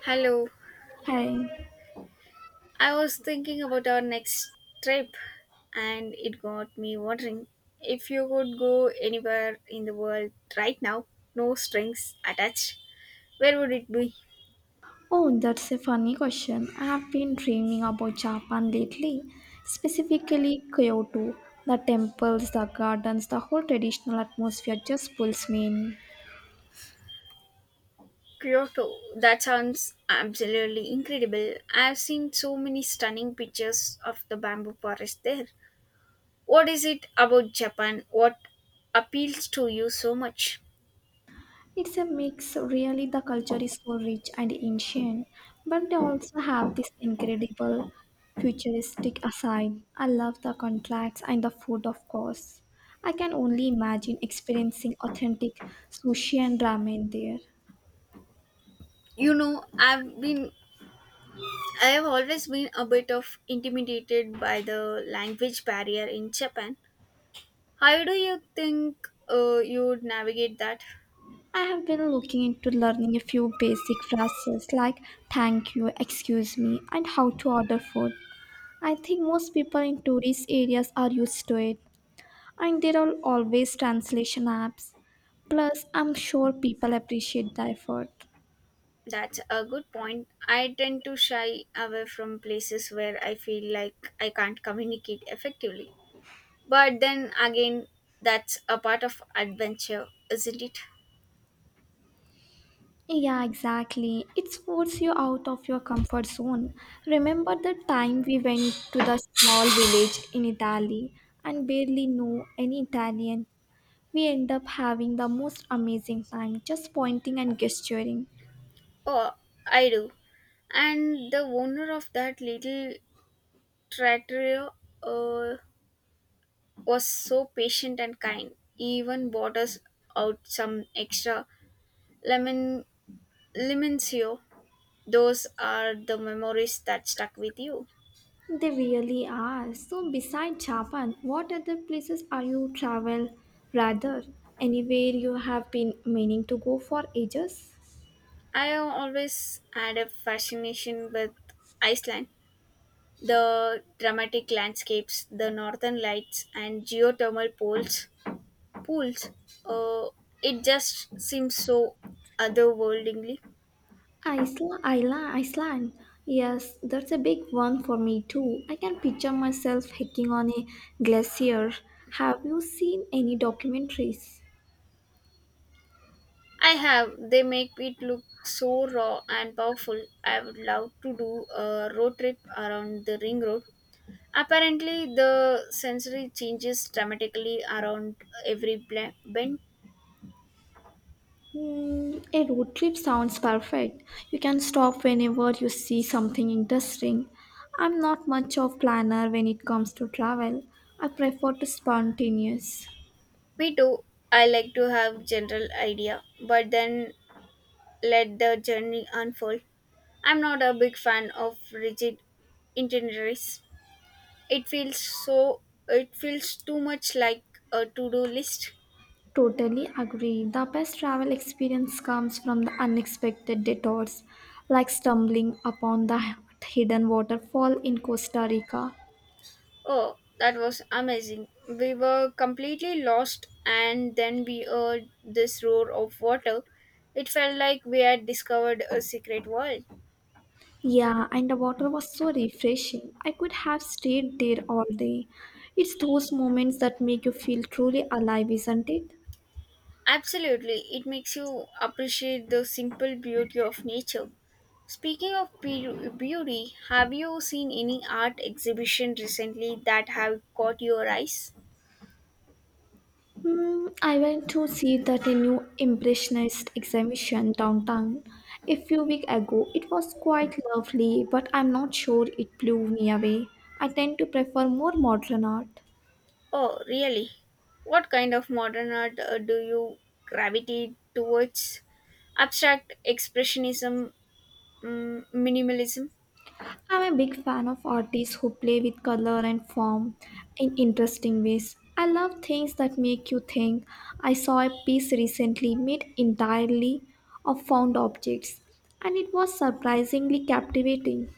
Hello, Hey, I was thinking about our next trip and it got me wondering if you could go anywhere in the world right now, no strings attached, where would it be? oh, that's a funny question. I have been dreaming about Japan lately, specifically Kyoto. The temples, the gardens, the whole traditional atmosphere just pulls me in. Kyoto. That sounds absolutely incredible. I've seen so many stunning pictures of the bamboo forest there. What is it about Japan? What appeals to you so much? It's a mix, really, the culture is so rich and ancient, but they also have this incredible futuristic aside. I love the contracts and the food, of course. I can only imagine experiencing authentic sushi and ramen there. You know, I've been I have always been a bit of intimidated by the language barrier in Japan. How do you think you would navigate that? I have been looking into learning a few basic phrases like thank you, excuse me, and how to order food. I think most people in tourist areas are used to it, and there are always translation apps. Plus, I'm sure people appreciate the effort. That's a good point. I tend to shy away from places where I feel like I can't communicate effectively. But then again, that's a part of adventure, isn't it? Yeah, exactly. It forces you out of your comfort zone. Remember the time we went to the small village in Italy and barely knew any Italian, we end up having the most amazing time just pointing and gesturing. Oh, I do. And the owner of that little trattoria uh, was so patient and kind. He even bought us out some extra lemon limoncello. Those are the memories that stuck with you. They really are. So, besides Japan, what other places are you travel rather? Anywhere you have been meaning to go for ages? I have always had a fascination with Iceland. The dramatic landscapes, the northern lights, and geothermal pools. Pools. Uh, it just seems so otherworldly. Iceland, Iceland, Iceland. Yes, that's a big one for me too. I can picture myself hiking on a glacier. Have you seen any documentaries? I have. They make it look so raw and powerful. I would love to do a road trip around the ring road. Apparently, the sensory changes dramatically around every bend. A road trip sounds perfect. You can stop whenever you see something interesting. I'm not much of planner when it comes to travel. I prefer to spontaneous. Me too. I like to have general idea, but then let the journey unfold. I'm not a big fan of rigid itineraries. It feels so. It feels too much like a to-do list. Totally agree. The best travel experience comes from the unexpected detours, like stumbling upon the hidden waterfall in Costa Rica. Oh, that was amazing. We were completely lost, and then we heard this roar of water. It felt like we had discovered a secret world. Yeah, and the water was so refreshing. I could have stayed there all day. It's those moments that make you feel truly alive, isn't it? Absolutely, it makes you appreciate the simple beauty of nature. Speaking of beauty, have you seen any art exhibition recently that have caught your eyes? I went to see that a new Impressionist exhibition downtown a few weeks ago. It was quite lovely, but I'm not sure it blew me away. I tend to prefer more modern art. Oh, really? What kind of modern art do you gravitate towards? Abstract expressionism, minimalism. I'm a big fan of artists who play with color and form in interesting ways. I love things that make you think. I saw a piece recently made entirely of found objects, and it was surprisingly captivating.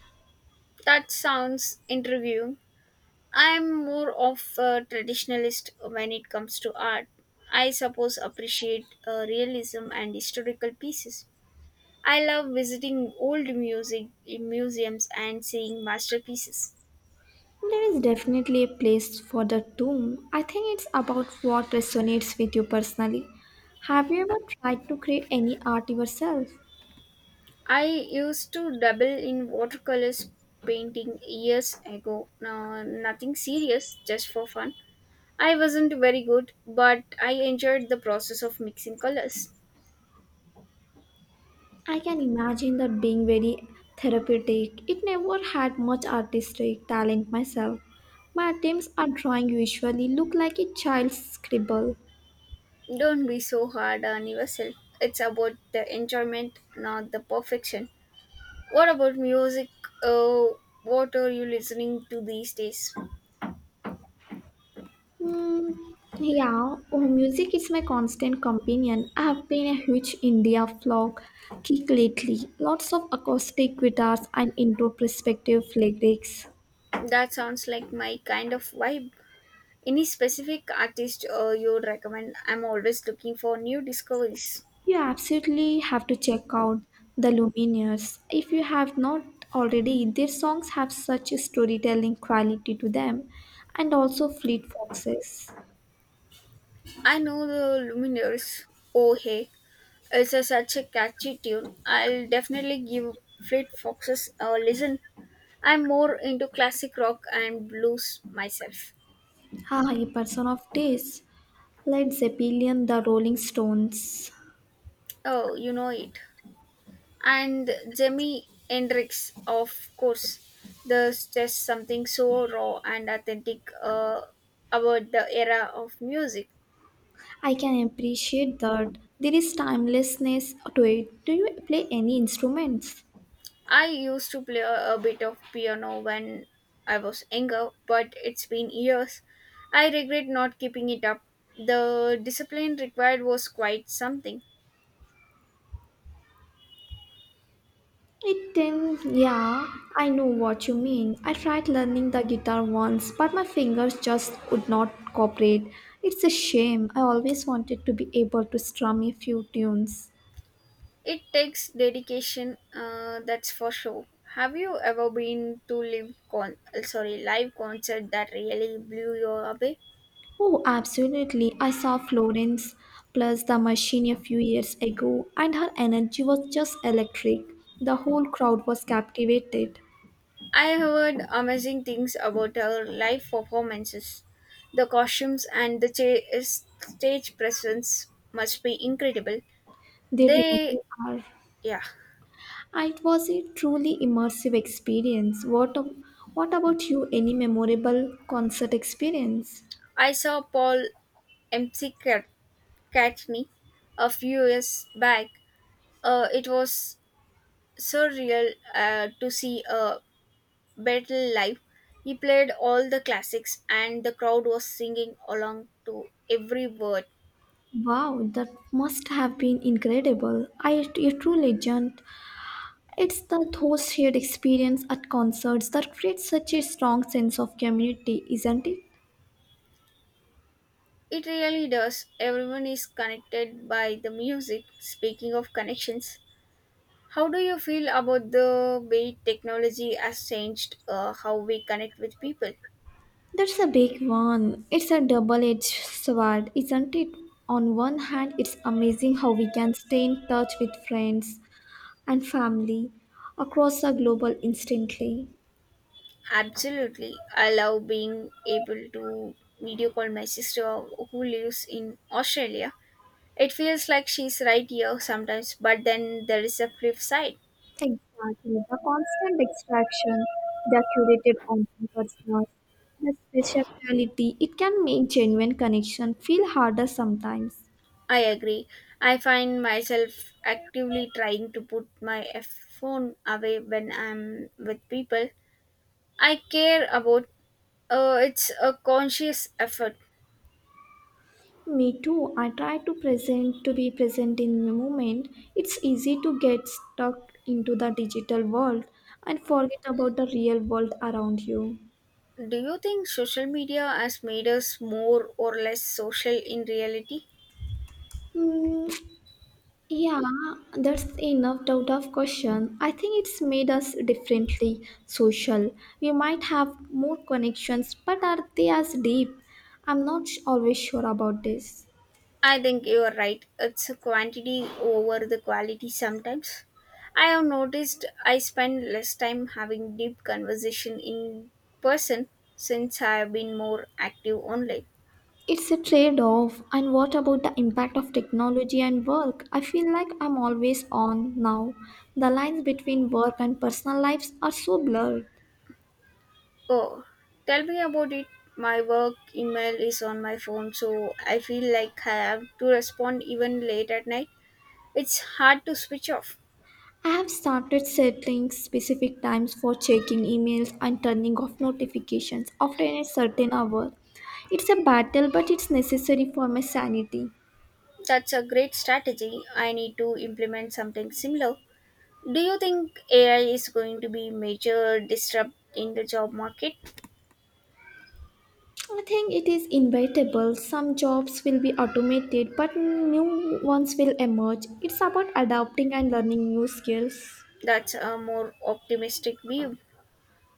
That sounds intriguing. I'm more of a traditionalist when it comes to art. I suppose appreciate realism and historical pieces. I love visiting old music museums and seeing masterpieces. There is definitely a place for the tomb. I think it's about what resonates with you personally. Have you ever tried to create any art yourself? I used to dabble in watercolors painting years ago. No, nothing serious, just for fun. I wasn't very good, but I enjoyed the process of mixing colors. I can imagine that being very therapeutic. It never had much artistic talent myself. My attempts at drawing usually look like a child's scribble. Don't be so hard on yourself. It's about the enjoyment, not the perfection. What about music? Uh, what are you listening to these days? Hmm, yeah, oh, Music is my constant companion. I have been a huge India folk kick lately. Lots of acoustic guitars and introspective lyrics. That sounds like my kind of vibe. Any specific artist you would recommend? I'm always looking for new discoveries. You absolutely have to check out the Lumineers if you have not already. Their songs have such a storytelling quality to them, and also Fleet Foxes. I know the Lumineers. Oh hey, such a catchy tune. I'll definitely give Fleet Foxes a listen. I'm more into classic rock and blues myself. Ah, a person of taste. Led Zeppelin, the Rolling Stones. Oh, you know it. And Jimi Hendrix, of course. There's just something so raw and authentic about the era of music. I can appreciate that there is timelessness to it. Do you play any instruments? I used to play a bit of piano when I was younger, but it's been years. I regret not keeping it up. The discipline required was quite something. It then, yeah, I know what you mean. I tried learning the guitar once, but my fingers just would not cooperate. It's a shame. I always wanted to be able to strum a few tunes. It takes dedication, that's for sure. Have you ever been to live concert that really blew you away? Oh, absolutely. I saw Florence plus the machine a few years ago, and her energy was just electric. The whole crowd was captivated. I have heard amazing things about her live performances. The costumes and the stage presence must be incredible. They They really are. yeah, It was a truly immersive experience. What about you? Any memorable concert experience? I saw Paul MC Cat- Catney a few years back. It was so real to see a Battle live. He played all the classics and the crowd was singing along to every word. Wow, that must have been incredible. I, a true legend. It's the those shared experience at concerts that creates such a strong sense of community, isn't it? It really does. Everyone is connected by the music. Speaking of connections, how do you feel about the way technology has changed how we connect with people? That's a big one. It's a double edged sword, isn't it? On one hand, it's amazing how we can stay in touch with friends and family across the global instantly. Absolutely. I love being able to video call my sister who lives in Australia. It feels like she's right here sometimes, but then there is a flip side. Exactly, the constant distraction, the curated online personas, the speciality, it can make genuine connection feel harder sometimes. I agree. I find myself actively trying to put my phone away when I'm with people I care about. It's a conscious effort. Me too, I try to present to be present in the moment. It's easy to get stuck into the digital world and forget about the real world around you. Do you think social media has made us more or less social in reality? Hmm, Yeah, that's enough doubt of question. I think it's made us differently social. We might have more connections, but are they as deep? I'm not sh- always sure about this. I think you are right. It's a quantity over the quality sometimes. I have noticed I spend less time having deep conversation in person since I have been more active online. It's a trade off. And what about the impact of technology and work? I feel like I'm always on now. The lines between work and personal lives are so blurred. Oh, tell me about it. My work email is on my phone, so I feel like I have to respond even late at night. It's hard to switch off. I have started setting specific times for checking emails and turning off notifications after a certain hour. It's a battle, but it's necessary for my sanity. That's a great strategy. I need to implement something similar. Do you think AI is going to be major disrupt in the job market? I think it is inevitable. Some jobs will be automated, but new ones will emerge. It's about adapting and learning new skills. That's a more optimistic view.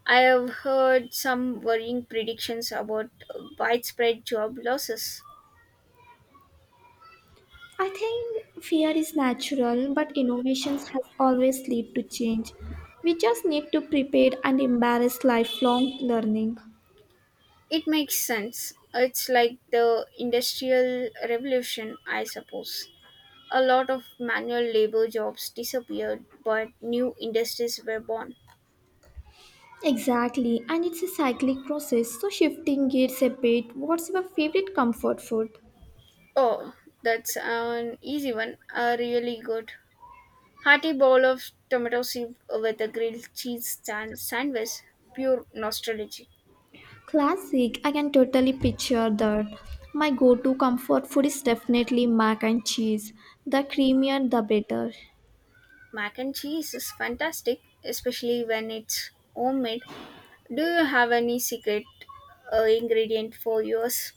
I have heard some worrying predictions about widespread job losses. I think fear is natural, but innovations has always lead to change. We just need to prepare and embrace lifelong learning. It makes sense. It's like the Industrial Revolution, I suppose. A lot of manual labor jobs disappeared, but new industries were born. Exactly, and it's a cyclic process, so shifting gears a bit, what's your favorite comfort food? Oh, that's an easy one. A really good hearty bowl of tomato soup with a grilled cheese stand sandwich. Pure nostalgia. Classic, I can totally picture that. My go to comfort food is definitely mac and cheese. The creamier, the better. Mac and cheese is fantastic, especially when it's homemade. Do you have any secret ingredient for yours?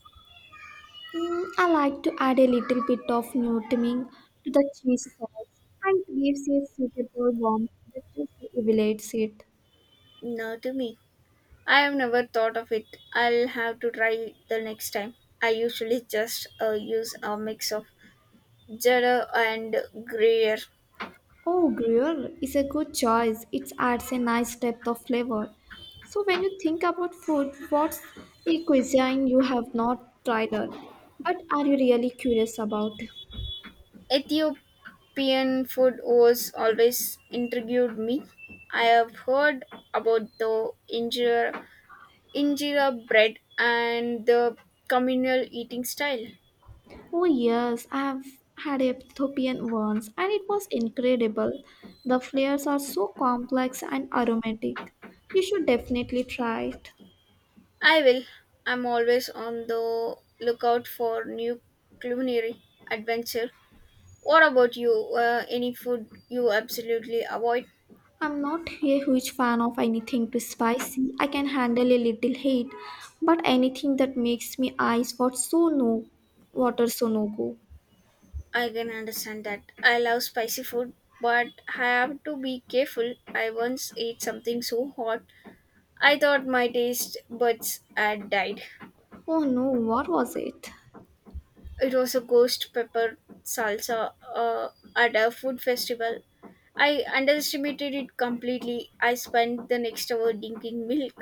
I like to add a little bit of nutmeg to the cheese sauce and it gives a suitable warmth that just elevates it. No, to me. I have never thought of it. I'll have to try it the next time. I usually just use a mix of cheddar and gruyere. Oh, Gruyere is a good choice. It adds a nice depth of flavor. So, when you think about food, what's a cuisine you have not tried it, but are you really curious about? Ethiopian food was always intrigued me. I have heard about the injera bread and the communal eating style. Oh, yes, I've had a Ethiopian once and it was incredible. The flavors are so complex and aromatic. You should definitely try it. I will. I'm always on the lookout for new culinary adventure. What about you? Any food you absolutely avoid? I'm not a huge fan of anything too spicy. I can handle a little heat, but anything that makes me eyes what so no water so no go. I can understand that. I love spicy food, but I have to be careful. I once ate something so hot, I thought my taste buds had died. Oh no, what was it? It was a ghost pepper salsa at a food festival. I underestimated it completely. I spent the next hour drinking milk.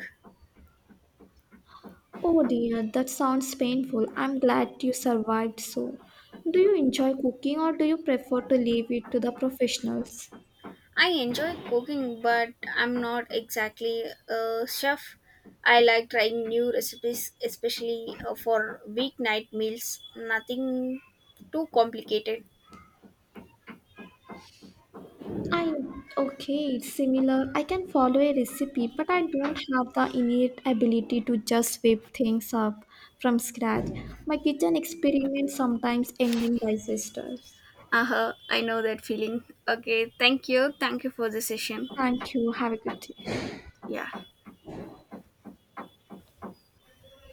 Oh dear, that sounds painful. I'm glad you survived so. Do you enjoy cooking or do you prefer to leave it to the professionals? I enjoy cooking, but I'm not exactly a chef. I like trying new recipes, especially for weeknight meals. Nothing too complicated. I okay, it's similar. I can follow a recipe, but I don't have the innate ability to just whip things up from scratch. My kitchen experiments sometimes end in disasters. Uh huh. I know that feeling. Okay. Thank you. Thank you for the session. Thank you. Have a good day. Yeah.